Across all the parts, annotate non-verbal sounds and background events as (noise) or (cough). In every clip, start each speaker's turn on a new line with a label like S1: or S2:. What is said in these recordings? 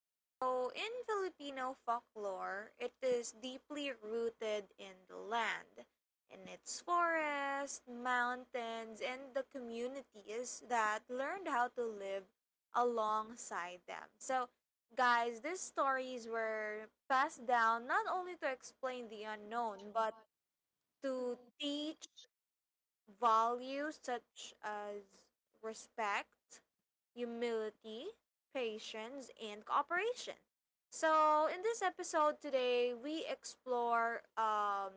S1: So, in Filipino folklore, it is deeply rooted in the land, in its forests, mountains, and the communities that learned how to live alongside them. So, guys, these stories were passed down not only to explain the unknown, but to teach values such as respect, humility, patience, and cooperation. So, in this episode today, we explore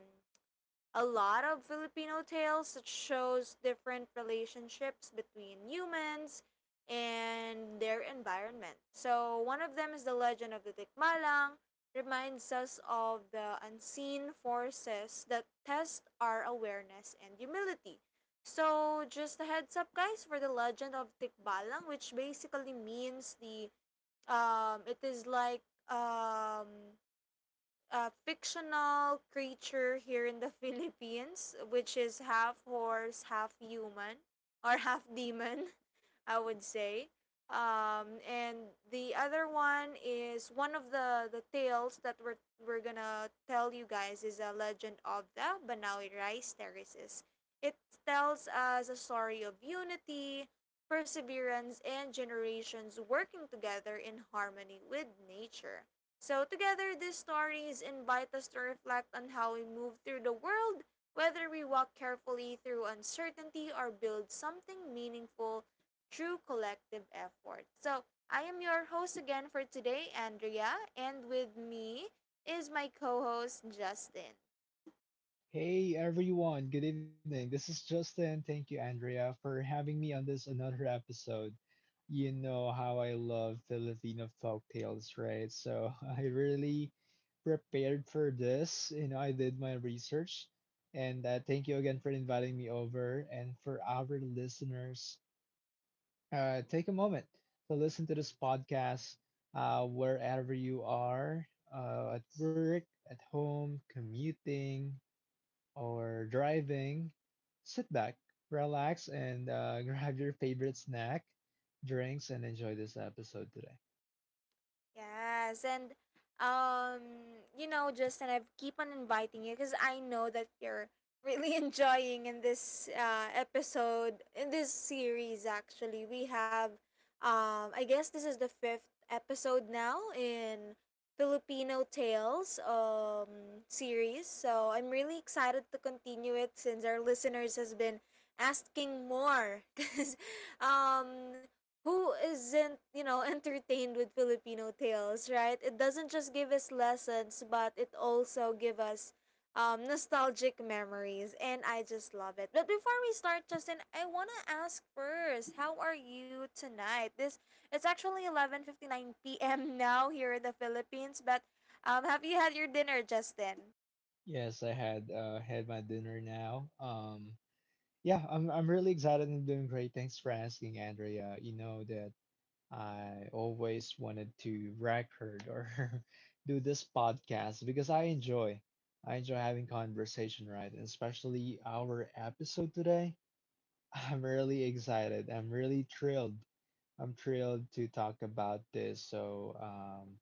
S1: a lot of Filipino tales that shows different relationships between humans and their environment. So one of them is the legend of the Tikmalang, reminds us of the unseen forces that test our awareness and humility. So just a heads up, guys, for the legend of Tikbalang, which basically means the it is like um a fictional creature here in the (laughs) Philippines, which is half horse, half human, or half demon, (laughs) I would say. And the other one is one of the tales that we're gonna tell you guys is a legend of the Banawi Rice Terraces. It tells us a story of unity, perseverance, and generations working together in harmony with nature. So, together, these stories invite us to reflect on how we move through the world, whether we walk carefully through uncertainty or build something meaningful through collective effort. So, I am your host again for today, Andrea, and with me is my co host, Justin.
S2: Hey everyone, good evening. This is Justin. Thank you, Andrea, for having me on this another episode. You know how I love Filipino folk tales, right? So (laughs) I really prepared for this. You know, I did my research. And thank you again for inviting me over. And for our listeners, take a moment to listen to this podcast wherever you are, at work, at home, commuting, or driving, sit back, relax, and (laughs) grab your favorite snack, drinks, and enjoy this episode today.
S1: Yes, and you know, Justin, I keep on inviting you because I know that you're really (laughs) enjoying in this episode in this series. Actually, we have I guess this is the fifth episode now in Filipino Tales series. So I'm really excited to continue it since our listeners has been asking more (laughs) because um who isn't, (laughs) entertained with Filipino tales, right? It doesn't just give us lessons, but it also give us nostalgic memories, and I just love it. But before we start, Justin, I wanna ask first, how are you tonight? This it's actually 11:59 p.m. (laughs) now here in the Philippines, but have you had your dinner, Justin?
S2: Yes, I had had my dinner now. Yeah, I'm really excited and doing great. Thanks for asking, Andrea. You know that I always wanted to record or (laughs) do this podcast because I enjoy having conversation, right? And especially our episode today. (laughs) I'm really excited. I'm thrilled to talk about this. So,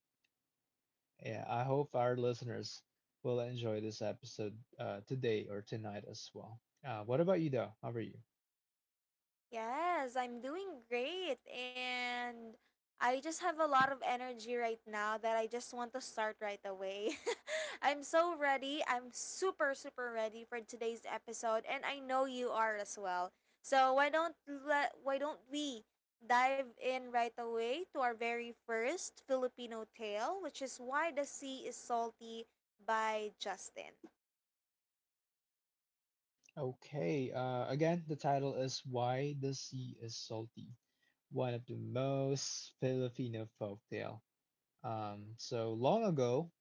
S2: yeah, I hope our listeners will enjoy this episode today or tonight as well. What about you, though? How are you?
S1: Yes, I'm doing great and I just have a lot of energy right now that I just want to start right away. (laughs) I'm so ready. I'm super super ready for today's episode and I know you are as well. So why don't we dive in right away to our very first Filipino tale, which is Why the Sea is Salty by Justin.
S2: Okay, again, the title is Why the Sea is Salty, one of the most Filipino folktale. So long ago,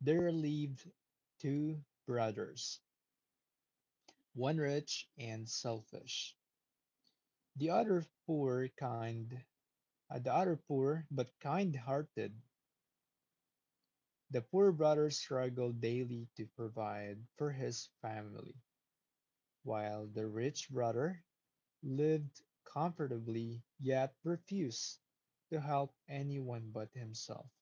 S2: there lived two brothers, one rich and selfish, the other poor, kind, the other poor, but kind-hearted. The poor brother struggled daily to provide for his family, while the rich brother lived comfortably yet refused to help anyone but himself.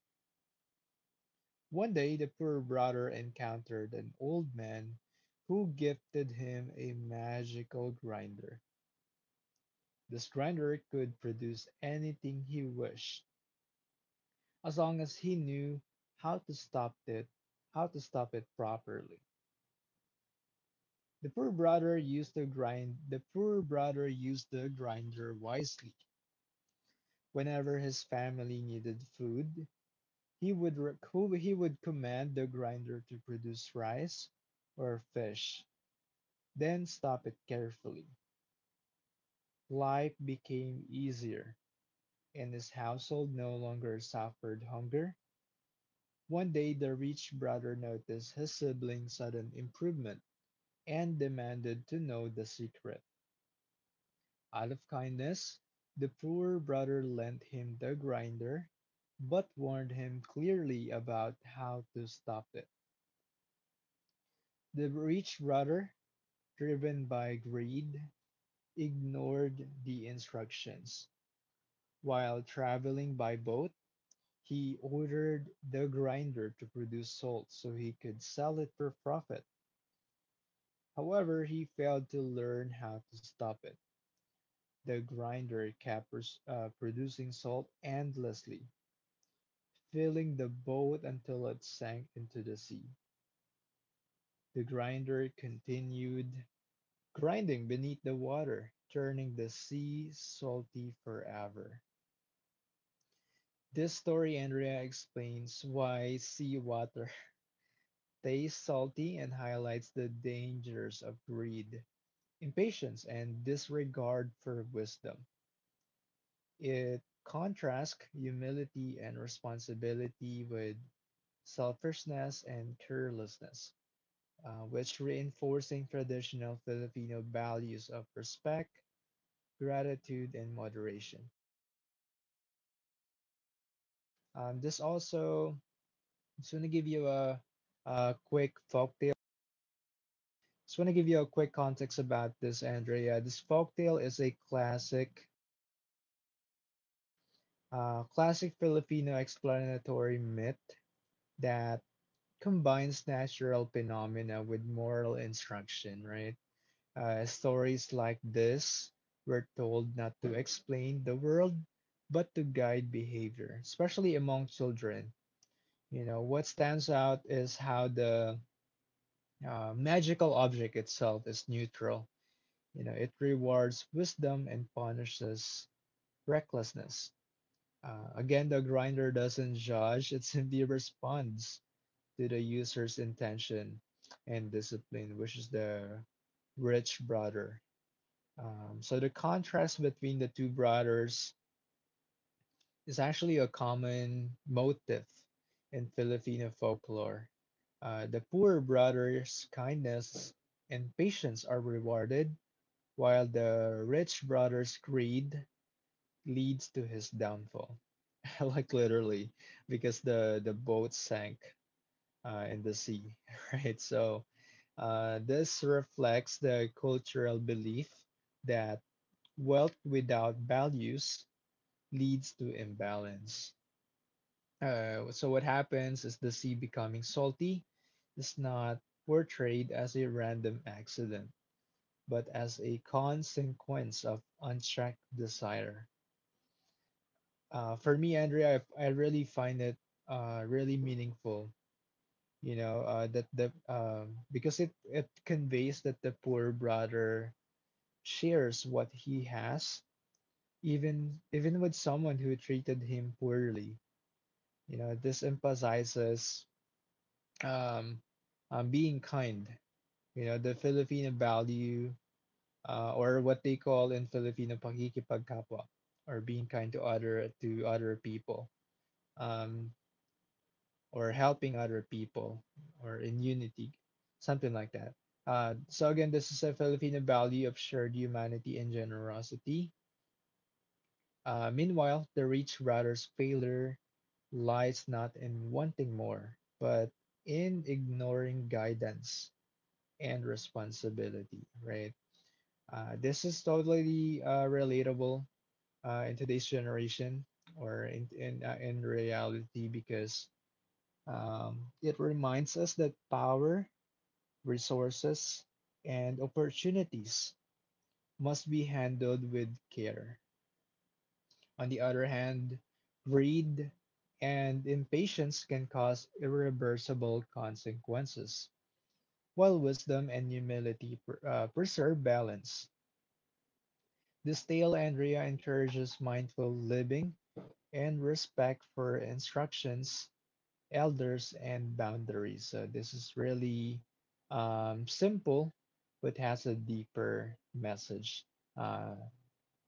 S2: One day the poor brother encountered an old man who gifted him a magical grinder. This grinder could produce anything he wished, as long as he knew how to stop it, properly. The poor brother used the grinder wisely. Whenever his family needed food, he would he would command the grinder to produce rice or fish, then stop it carefully. Life became easier, and his household no longer suffered hunger. One day, the rich brother noticed his sibling's sudden improvement, and demanded to know the secret. Out of kindness, the poor brother lent him the grinder, but warned him clearly about how to stop it. The rich brother, driven by greed, ignored the instructions. While traveling by boat, he ordered the grinder to produce salt so he could sell it for profit. However, he failed to learn how to stop it. The grinder kept producing salt endlessly, filling the boat until it sank into the sea. The grinder continued grinding beneath the water, turning the sea salty forever. This story, Andrea, explains why seawater (laughs) tastes salty and highlights the dangers of greed, impatience, and disregard for wisdom. It contrasts humility and responsibility with selfishness and carelessness, which reinforcing traditional Filipino values of respect, gratitude, and moderation. This also just want to give you a quick folktale. Just want to give you a quick context about this, Andrea. This folktale is a classic, Filipino explanatory myth that combines natural phenomena with moral instruction, right? Stories like this were told not to explain the world, but to guide behavior, especially among children. You know, what stands out is how the magical object itself is neutral. You know, it rewards wisdom and punishes recklessness. Again, the grinder doesn't judge, it simply responds to the user's intention and discipline, which is the rich brother. So the contrast between the two brothers is actually a common motif in Filipino folklore. The poor brother's kindness and patience are rewarded, while the rich brother's greed leads to his downfall. (laughs) Like literally, because the boat sank, in the sea, (laughs) right? So this reflects the cultural belief that wealth without values leads to imbalance. So what happens is the sea becoming salty is not portrayed as a random accident, but as a consequence of unchecked desire. For me, Andrea, I really find it really meaningful, you know, that the because it conveys that the poor brother shares what he has even with someone who treated him poorly. You know, this emphasizes, um, being kind. You know, the Filipino value, or what they call in Filipino pakikipagkapwa, or being kind to other people, um or helping other people, or in unity, something like that. So again, this is a Filipino value of shared humanity and generosity. Meanwhile, the rich brother's failure lies not in wanting more, but in ignoring guidance and responsibility, right? This is totally relatable in today's generation or in reality, because it reminds us that power, resources, and opportunities must be handled with care. On the other hand, greed and impatience can cause irreversible consequences, while wisdom and humility preserve balance. This tale, Andrea, encourages mindful living and respect for instructions, elders and boundaries. So this is really simple, but has a deeper message, uh,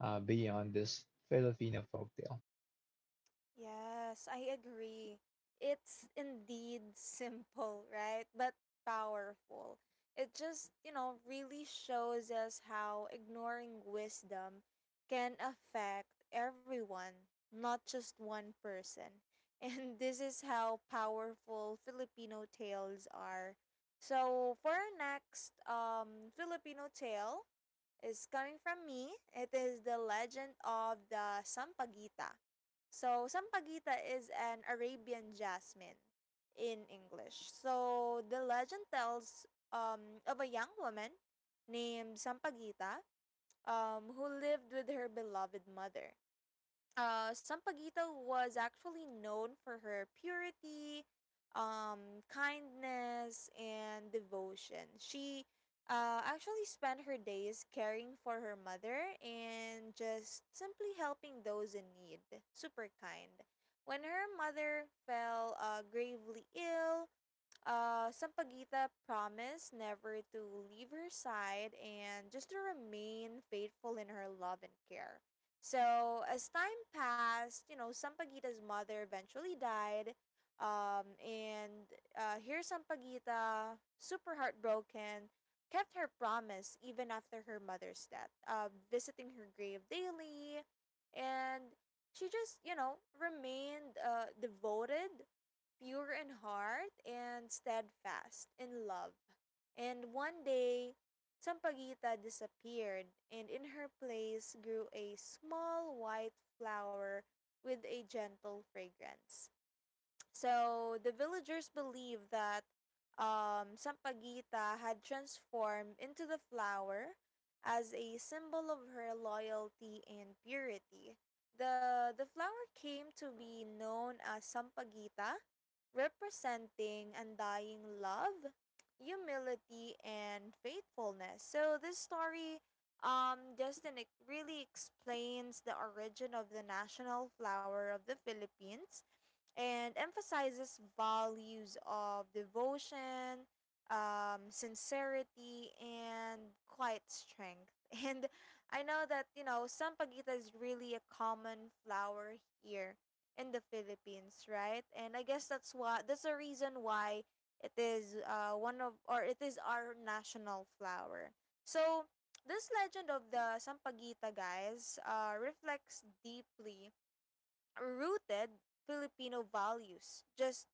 S2: beyond this Filipino folktale.
S1: Yes, I agree. It's indeed simple, right? But powerful. It just, really shows us how ignoring wisdom can affect everyone, not just one person. (laughs) And this is how powerful Filipino tales are. So, for our next Filipino tale, is coming from me. It is the legend of the Sampaguita. So, sampaguita is an Arabian jasmine in English. So, the legend tells of a young woman named Sampaguita, who lived with her beloved mother. Sampaguita was actually known for her purity, kindness, and devotion. She actually spent her days caring for her mother and just simply helping those in need. Super kind. When her mother fell gravely ill, Sampaguita promised never to leave her side and just to remain faithful in her love and care. So, as time passed, Sampaguita's mother eventually died. And here Sampaguita, super heartbroken, kept her promise even after her mother's death, visiting her grave daily. And she just, remained devoted, pure in heart and steadfast in love. And one day, Sampaguita disappeared, and in her place grew a small white flower with a gentle fragrance. So the villagers believe that Sampaguita had transformed into the flower as a symbol of her loyalty and purity. The flower came to be known as Sampaguita, representing undying love, humility, and faithfulness. So this story, Justin, it really explains the origin of the national flower of the Philippines and emphasizes values of devotion, sincerity, and quiet strength. (laughs) And I know that, you know, sampaguita is really a common flower here in the Philippines, right? And I guess that's the reason why it is one of or it is our national flower. So this legend of the sampaguita, guys, reflects deeply rooted Filipino values. Just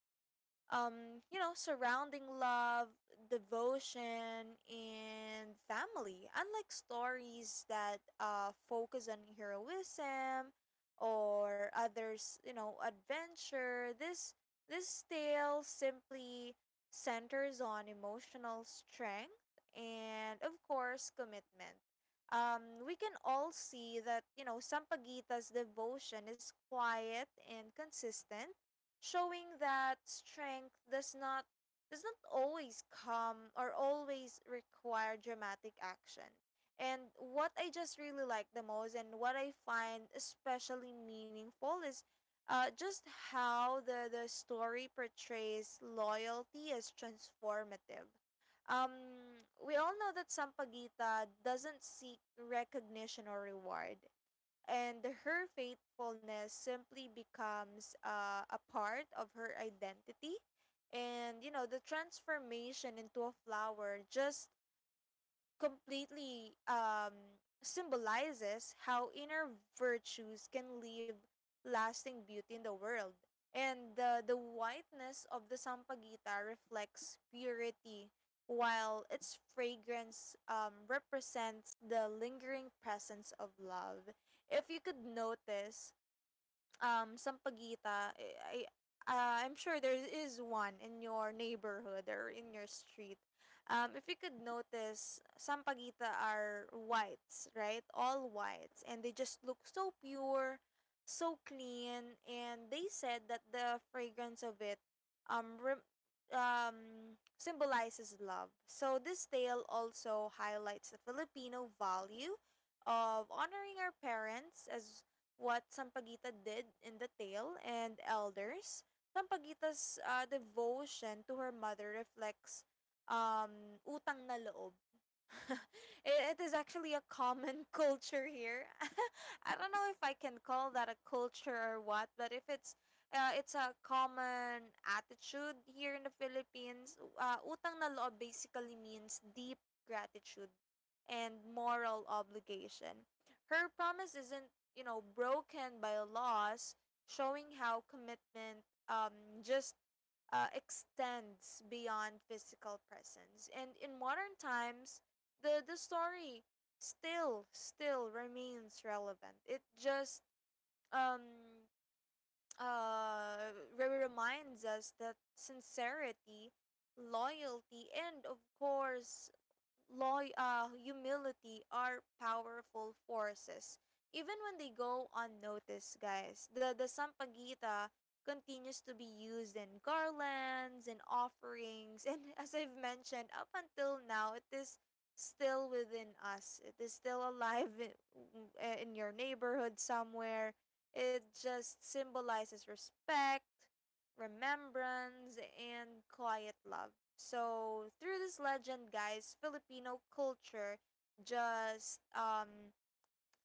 S1: surrounding love, devotion, and family. Unlike stories that focus on heroism or others, adventure, this tale simply centers on emotional strength and, of course, commitment. We can all see that Sampaguita's devotion is quiet and consistent, showing that strength does not always come or always require dramatic action. And what I just really like the most and what I find especially meaningful is just how the story portrays loyalty as transformative. We all know that Sampaguita doesn't seek recognition or reward, and her faithfulness simply becomes a part of her identity, and the transformation into a flower just completely symbolizes how inner virtues can leave lasting beauty in the world. And the whiteness of the sampaguita reflects purity, while its fragrance represents the lingering presence of love. If you could notice, Sampaguita, eh, I I'm sure there is one in your neighborhood or in your street. If you could notice, sampaguita are whites, right? All whites, and they just look so pure, so clean, and they said that the fragrance of it um rem- symbolizes love. So this tale also highlights the Filipino value of honoring our parents, as what Sampaguita did in the tale, and elders. Sampaguita's devotion to her mother reflects utang na loob. (laughs) It is actually a common (laughs) culture here. (laughs) I don't know if I can call that a culture or what, but if it's it's a common attitude here in the Philippines. Utang na loob basically means deep gratitude and moral obligation. Her promise isn't, broken by a loss, showing how commitment just extends beyond physical presence. And in modern times, the story still remains relevant. It just um, reminds us that sincerity, loyalty, and of course, humility are powerful forces. Even when they go unnoticed, guys, the sampagita continues to be used in garlands and offerings. And (laughs) as I've mentioned, up until now, it is still within us. It is still alive in your neighborhood somewhere. It just symbolizes respect, remembrance, and quiet love. So through this legend, guys, Filipino culture just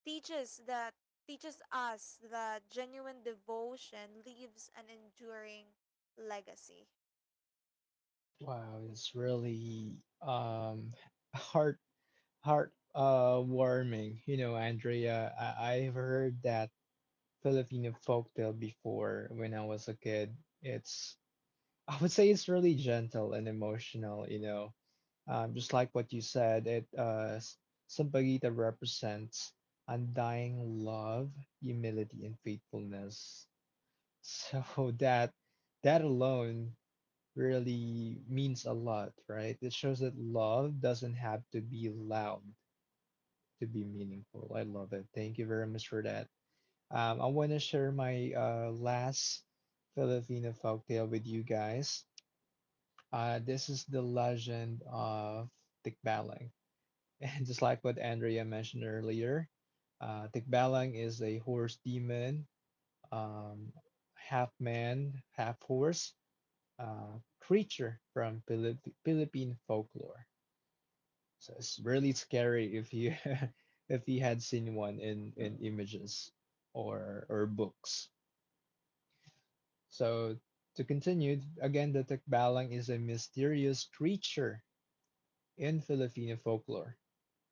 S1: teaches that teaches us that genuine devotion leaves an enduring legacy.
S2: Wow, it's really heart heart warming. You know, Andrea, I've heard that Filipino folktale before when I was a kid. It's, I would say, it's really gentle and emotional. You know, just like what you said, somebody that represents undying love, humility, and faithfulness. So (laughs) that alone really means a lot, right? It shows that love doesn't have to be loud to be meaningful. I love it. Thank you very much for that. I want to share my last Filipino folktale with you guys. This is the legend of Tikbalang. And just like what Andrea mentioned earlier, Tikbalang is a horse demon, um, half man, half horse, creature from Philippine folklore. So it's really scary if you (laughs) if you had seen one in, images or books. So to continue, again, the Tikbalang is a mysterious creature in Filipino folklore.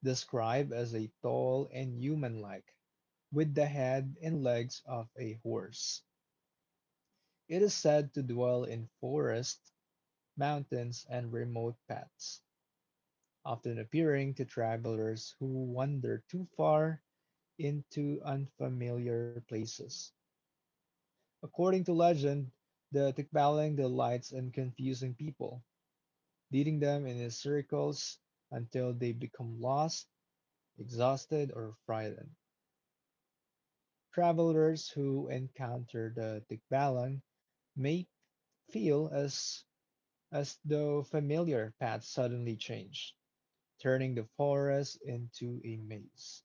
S2: Described as a tall and human-like, with the head and legs of a horse, it is said to dwell in forests, mountains, and remote paths, often appearing to travelers who wander too far into unfamiliar places. According to legend, the Tikbalang delights in confusing people, leading them in his circles until they become lost, exhausted, or frightened. Travelers who encounter the Tikbalan may feel as though familiar paths suddenly change, turning the forest into a maze.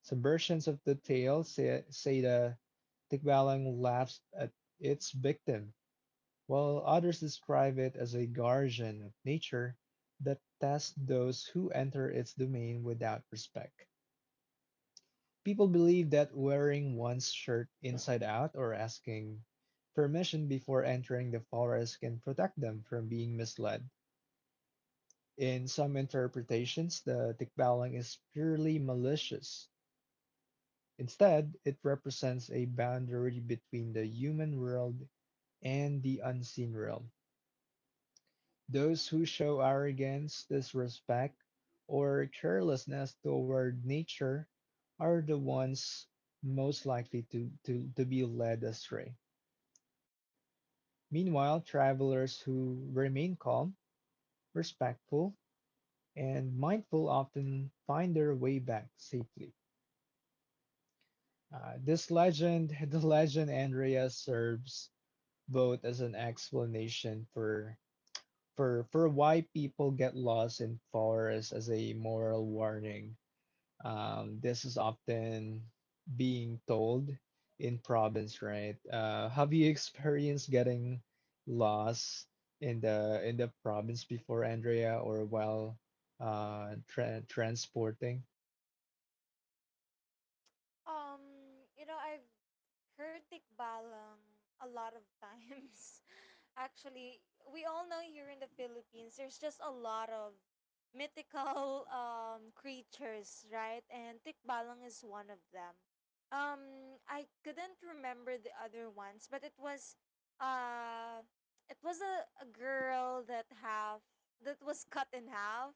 S2: Some versions of the tale say the Tikbalang laughs at its victim, while others describe it as a guardian of nature that tests those who enter its domain without respect. People believe that wearing one's shirt inside out or asking permission before entering the forest can protect them from being misled. In some interpretations, the tikbalang is purely malicious. Instead, it represents a boundary between the human world and the unseen realm. Those who show arrogance, disrespect, or carelessness toward nature are the ones most likely to, be led astray. Meanwhile, travelers who remain calm, respectful, and mindful often find their way back safely. This legend, (laughs) the legend, Andrea, serves both as an explanation for why people get lost in forests, as a moral warning. This is often being told in province, right? Have you experienced getting lost in the province before, Andrea, or while transporting?
S1: I've heard tikbalang a lot of times. (laughs) Actually, we all know here in the Philippines, there's just a lot of mythical (laughs) creatures, right? And tikbalang is one of them. I couldn't remember the other ones, but uh, it was a girl that half that was cut in half.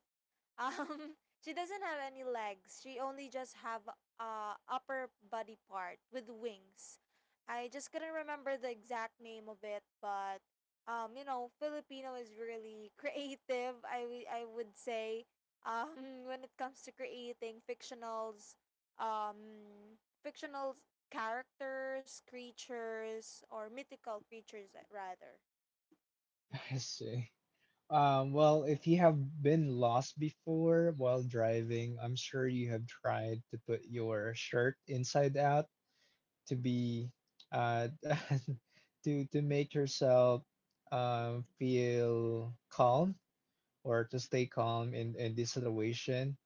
S1: um, (laughs) she doesn't have any legs. She only just have upper body part with wings. I just couldn't remember the exact name of it, but Filipino is really (laughs) creative. I would say (laughs) when it comes to creating fictionals, fictional characters, creatures, or mythical creatures, rather.
S2: (laughs) I see. Well, if you have been lost before while driving, I'm sure you have tried to put your shirt inside out to be uh, (laughs) to make yourself feel calm or to stay calm in this situation.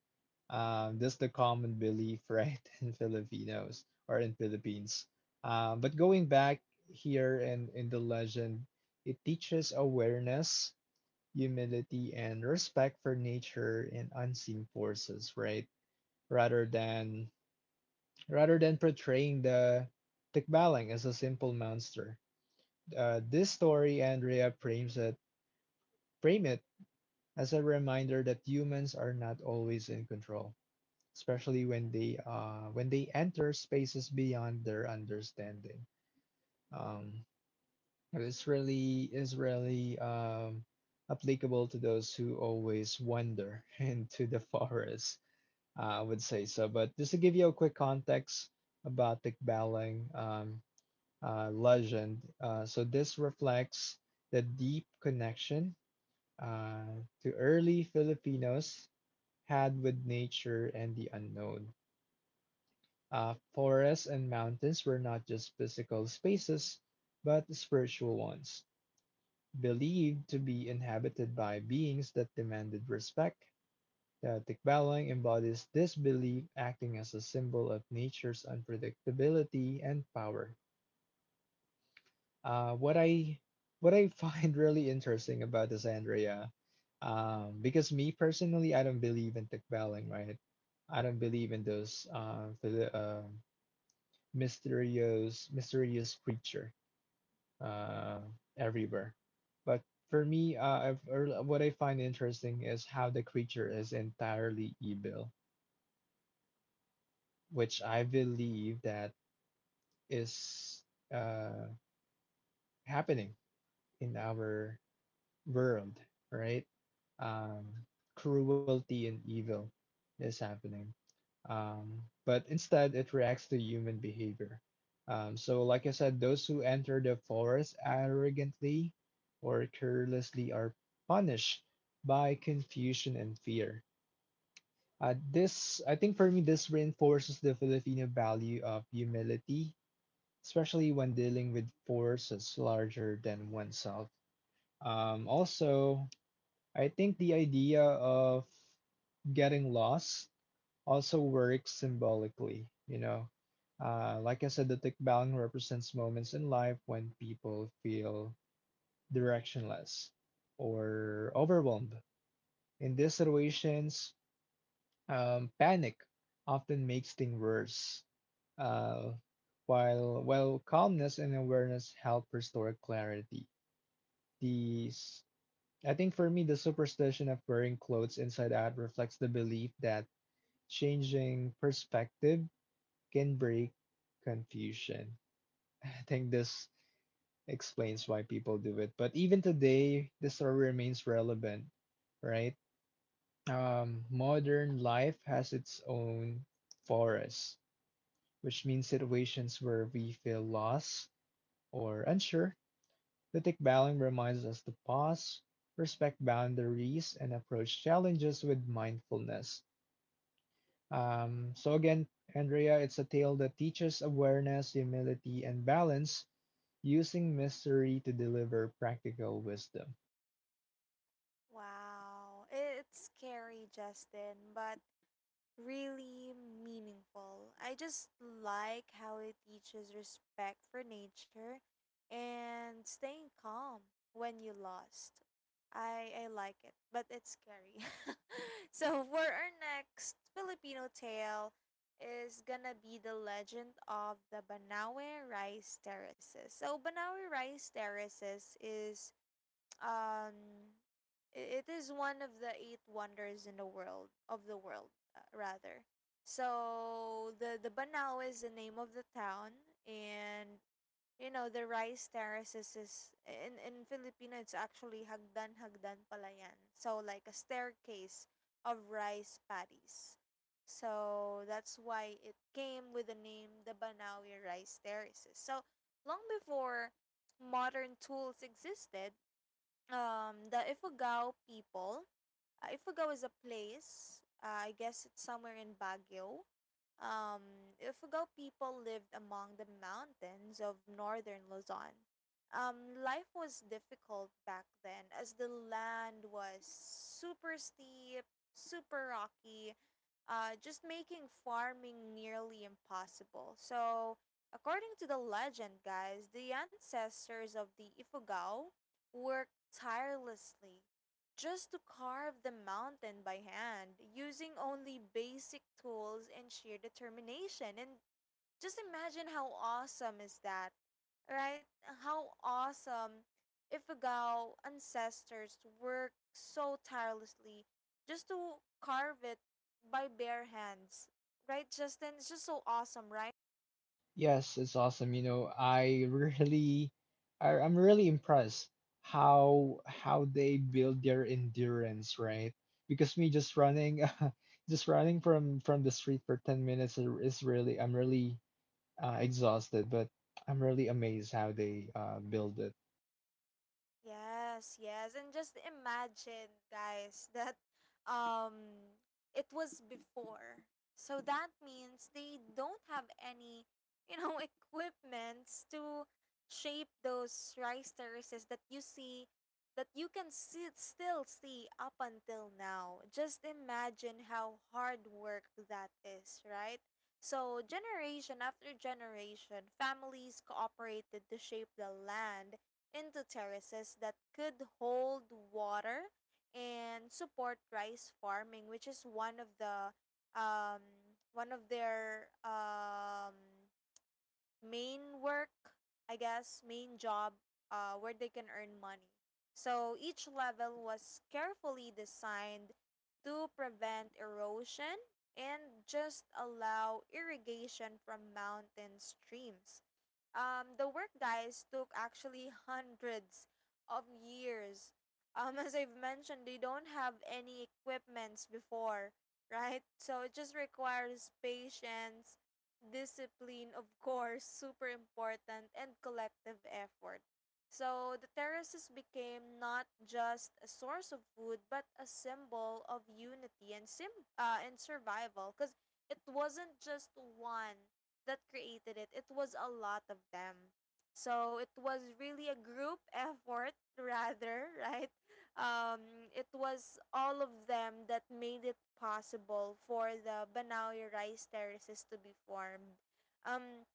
S2: That's the common belief, right, (laughs) in Filipinos or in Philippines. But going back here in the legend, it teaches awareness, humility, and respect for nature and unseen forces, right? Rather than rather than portraying the Tikbalang as a simple monster, this story, Andrea, frame it as a reminder that humans are not always in control, especially when they enter spaces beyond their understanding. Um, it's really, is really applicable to those who always wander (laughs) into the forest. I would say so. But just to give you a quick context about the Balang legend, so this reflects the deep connection to early Filipinos had with nature and the unknown. Forests and mountains were not just physical spaces, but spiritual ones, believed to be inhabited by beings that demanded respect. The Tikbalang embodies this belief, acting as a symbol of nature's unpredictability and power. Uh, what I what I find (laughs) really interesting about this, Andrea, because me personally, I don't believe in Tikbaling, right? I don't believe in those for the mysterious creature uh, everywhere. But for me, I've, or what I find interesting is how the creature is entirely evil, which I believe that is uh, happening in our world, right? Um, cruelty and evil is happening. But instead, it reacts to human behavior. So, like I said, those who enter the forest arrogantly or carelessly are punished by confusion and fear. This, I think for me, this reinforces the Filipino value of humility, especially when dealing with forces larger than oneself. Also, I think the idea of getting lost also works symbolically, you know. Like I said, the tikbalang represents moments in life when people feel directionless or overwhelmed. In these situations, panic often makes things worse, uh, while calmness and awareness help restore clarity. These, I think for me, the superstition of wearing clothes inside out reflects the belief that changing perspective can break confusion. (laughs) I think this explains why people do it. But even today, the story remains relevant, right? Modern life has its own forest, which means situations where we feel lost or unsure. Ethic Bowling reminds us to pause, respect boundaries, and approach challenges with mindfulness. So, again, Andrea, it's a tale that teaches awareness, humility, and balance, using mystery to deliver practical wisdom.
S1: Wow, it's scary, Justin, but really meaningful. I just like how it teaches respect for nature and staying calm when you lost. I like it, but it's scary. (laughs) So for our next Filipino tale is gonna be the legend of the Banawe Rice Terraces. So Banawe Rice Terraces is um it is one of the eight wonders in the world of the world, rather. So the Banao is the name of the town, and the rice terraces is, in Filipino it's actually hagdan hagdan pala yan, so like a staircase of rice paddies. So that's why it came with the name the Banawi Rice Terraces. So long before modern tools existed, the Ifugao people, if we go as a place, I guess it's somewhere in Baguio. Um, if we go, people lived among the mountains of northern Luzon. Life was difficult back then as the land was super steep, super rocky, just making farming nearly impossible. So, according to the legend, guys, the ancestors of the Ifugao worked tirelessly just to carve the mountain by hand using only basic tools and sheer determination. And just imagine how awesome is that, right? How awesome if Ifugao ancestors worked so tirelessly just to carve it by bare hands, right, Justin? It's just so awesome, right?
S2: Yes, it's awesome. You know, I (laughs) really, I'm really impressed how they build their endurance, right? Because me just running, (laughs) just running from the street for 10 minutes is really I'm really exhausted, but I'm really amazed how they build it.
S1: Yes, yes. And just imagine, guys, (laughs) that um it was before. So that means they don't have any, you know, (laughs) equipments to shape those rice terraces that you see that you can see, still see up until now. Just imagine how hard work that is, right? So, generation after generation, families cooperated to shape the land into terraces that could hold water and support rice farming, which is one of the um, one of their main work, I guess, main job, where they can earn money. So each level was carefully designed to prevent erosion and just allow irrigation from mountain streams. The work, guys, took actually hundreds of years. (laughs) As I've mentioned, they don't have any equipments before, right? So it just requires patience, discipline, of course, super important, and collective effort. So the terraces became not just a source of food, but a symbol of unity and sim and survival. Because it wasn't just one that created it, it was a lot of them. So it was really a group (laughs) effort rather, right? It was all of them that made it possible for the Banaoy rice terraces to be formed. Um,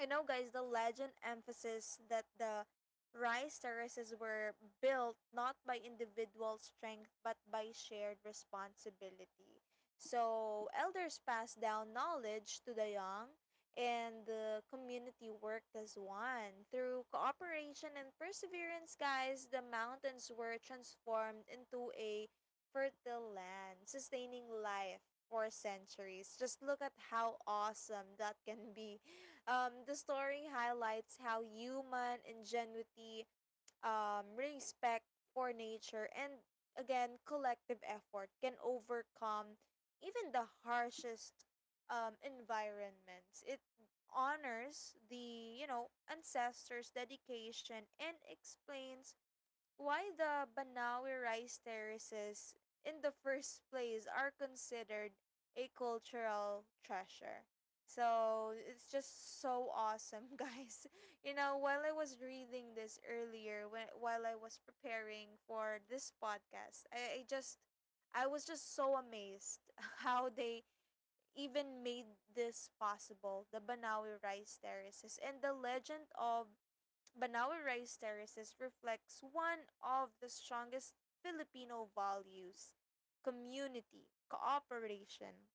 S1: you know, guys, the legend emphasizes that the rice terraces were built not by individual strength but by shared responsibility. So, elders passed down knowledge to the young, and the community worked as one. Through cooperation and perseverance, guys, the mountains were transformed into a fertile land, sustaining life for centuries. Just look at how awesome that can be. The story highlights how human ingenuity, respect for nature, and again, collective effort can overcome even the harshest environments. It honors the, you know, ancestors' dedication and explains why the Banawi rice terraces in the first place are considered a cultural treasure. So it's just so awesome, (laughs) guys. You know, while I was reading this earlier, when, while I was preparing for this podcast, I was just so amazed (laughs) how they even made this possible, the Banawi rice terraces, and the legend of Banawe Rice Terraces reflects one of the strongest Filipino values: community, cooperation,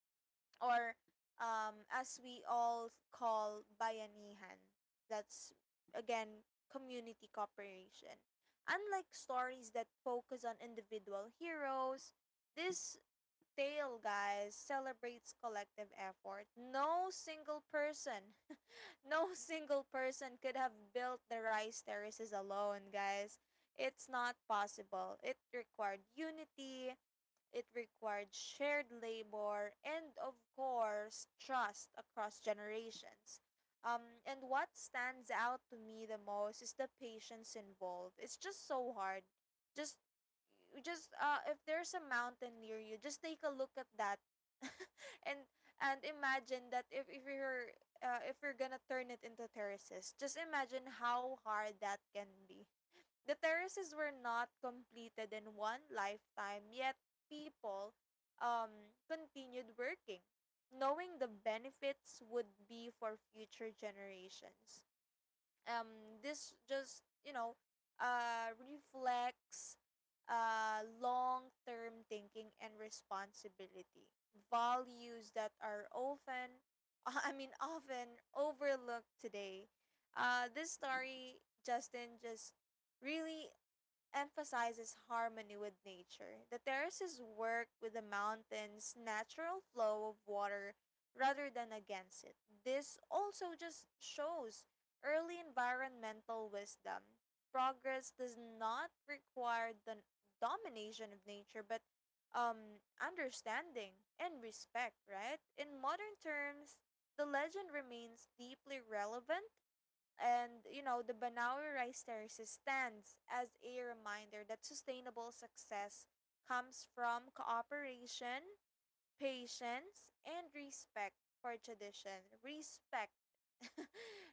S1: or as we all call, bayanihan. That's again community cooperation. Unlike stories that focus on individual heroes, this tale, guys, celebrates collective effort. No single person could have built the rice terraces alone, guys. It's not possible. It required unity, it required shared labor and, of course, trust across generations. And what stands out to me the most is the patience involved. It's just so hard. Just, you just if there's a mountain near you, just take a look at that, (laughs) and imagine that, if you're gonna turn it into terraces, just imagine how hard that can be. The terraces were not completed in one lifetime, yet people continued working, knowing the benefits would be for future generations. This just, you know, reflects long term thinking and responsibility, values that are often, (laughs) I mean, often overlooked today. This story, Justin, just really emphasizes harmony with nature. The terraces work with the mountain's natural flow of water rather than against it. This also just shows early environmental wisdom. Progress does not require the domination of nature, but understanding and respect, right? In modern terms, the legend remains deeply relevant and, you know, the Banaue Rice Terraces stands as a reminder that sustainable success comes from cooperation, patience, and respect for tradition. Respect. (laughs)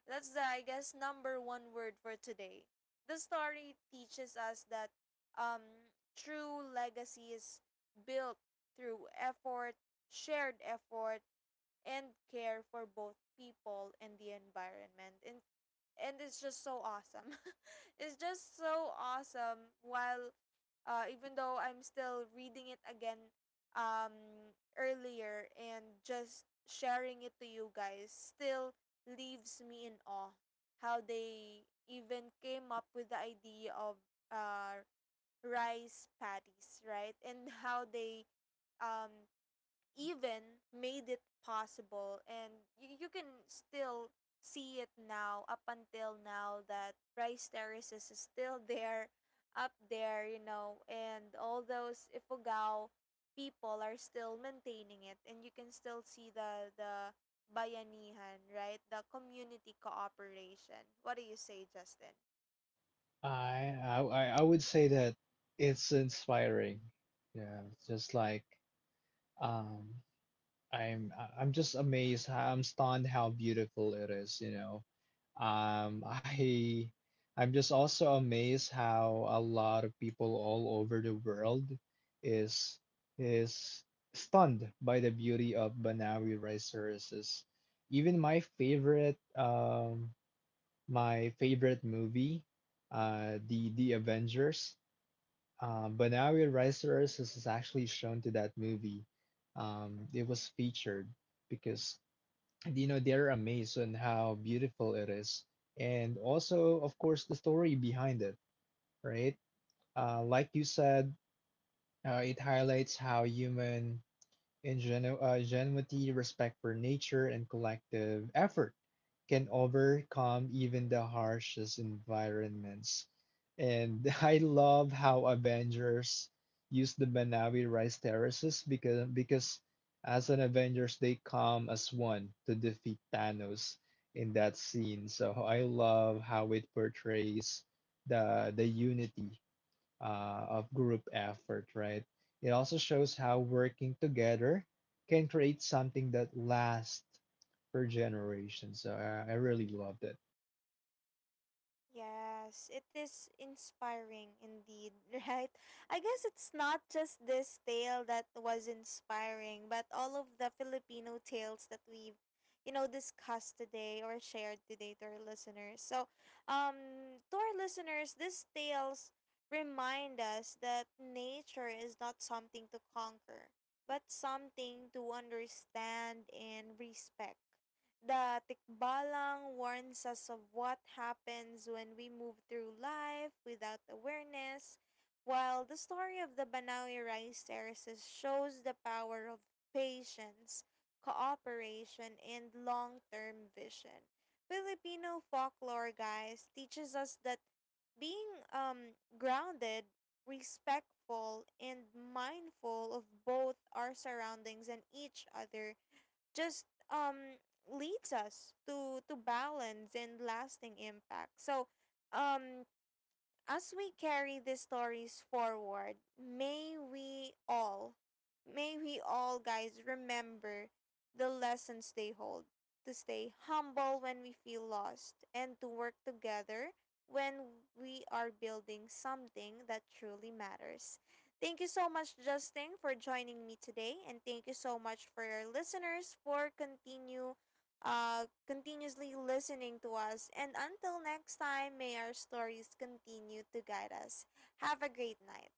S1: That's the, I guess, number one word for today. The story teaches us that um, true legacy is built through effort, shared effort, and care for both people and the environment. And it's just so awesome. (laughs) It's just so awesome. While even though I'm still reading it again earlier and just sharing it to you guys, still leaves me in awe how they even came up with the idea of uh, rice patties, right? And how they um, even made it possible, and you can still see it now up until now, that rice terraces is still there up there, you know, and all those Ifugao people are still maintaining it, and you can still see the bayanihan, right? The community cooperation. What do you say, Justin?
S2: I would say that it's inspiring. Yeah, it's just like um, I'm just amazed. How, I'm stunned how beautiful it is. You know, um, I I'm just also amazed how a lot of people all over the world is is stunned by the beauty of Banawi Rice Services, even my favorite movie, the Avengers. But now we Rise to Earth is actually shown to that movie. It was featured because, you know, they're amazed on how beautiful it is, and also, of course, the story behind it, right? Like you said, it highlights how human ingenuity, respect for nature, and collective effort can overcome even the harshest environments. And (laughs) I love how Avengers use the Manawi rice terraces because as an Avengers they come as one to defeat Thanos in that scene. So I love how it portrays the unity of group effort, right? It also shows how working together can create something that lasts for generations. So I really loved it.
S1: Yes, it is inspiring indeed, (laughs) right? I guess it's not just this tale that was inspiring, but all of the Filipino tales that we've, you know, discussed today or shared today to our listeners. So, to our listeners, these tales remind us that nature is not something to conquer, but something to understand and respect. The Tikbalang warns us of what happens when we move through life without awareness, while the story of the Banawi rice terraces shows the power of patience, cooperation, and long term vision. Filipino folklore, guys, teaches us that being grounded, respectful, and mindful of both our surroundings and each other just leads us to balance and lasting impact. So, um as we carry these stories forward, may we all, guys, remember the lessons they hold, to stay humble when we feel lost, and to work together when we are building something that truly matters. Thank you so much, Justin, for joining me today, and thank you so much for your listeners for continue continuously listening to us. And until next time, may our stories continue to guide us. Have a great night.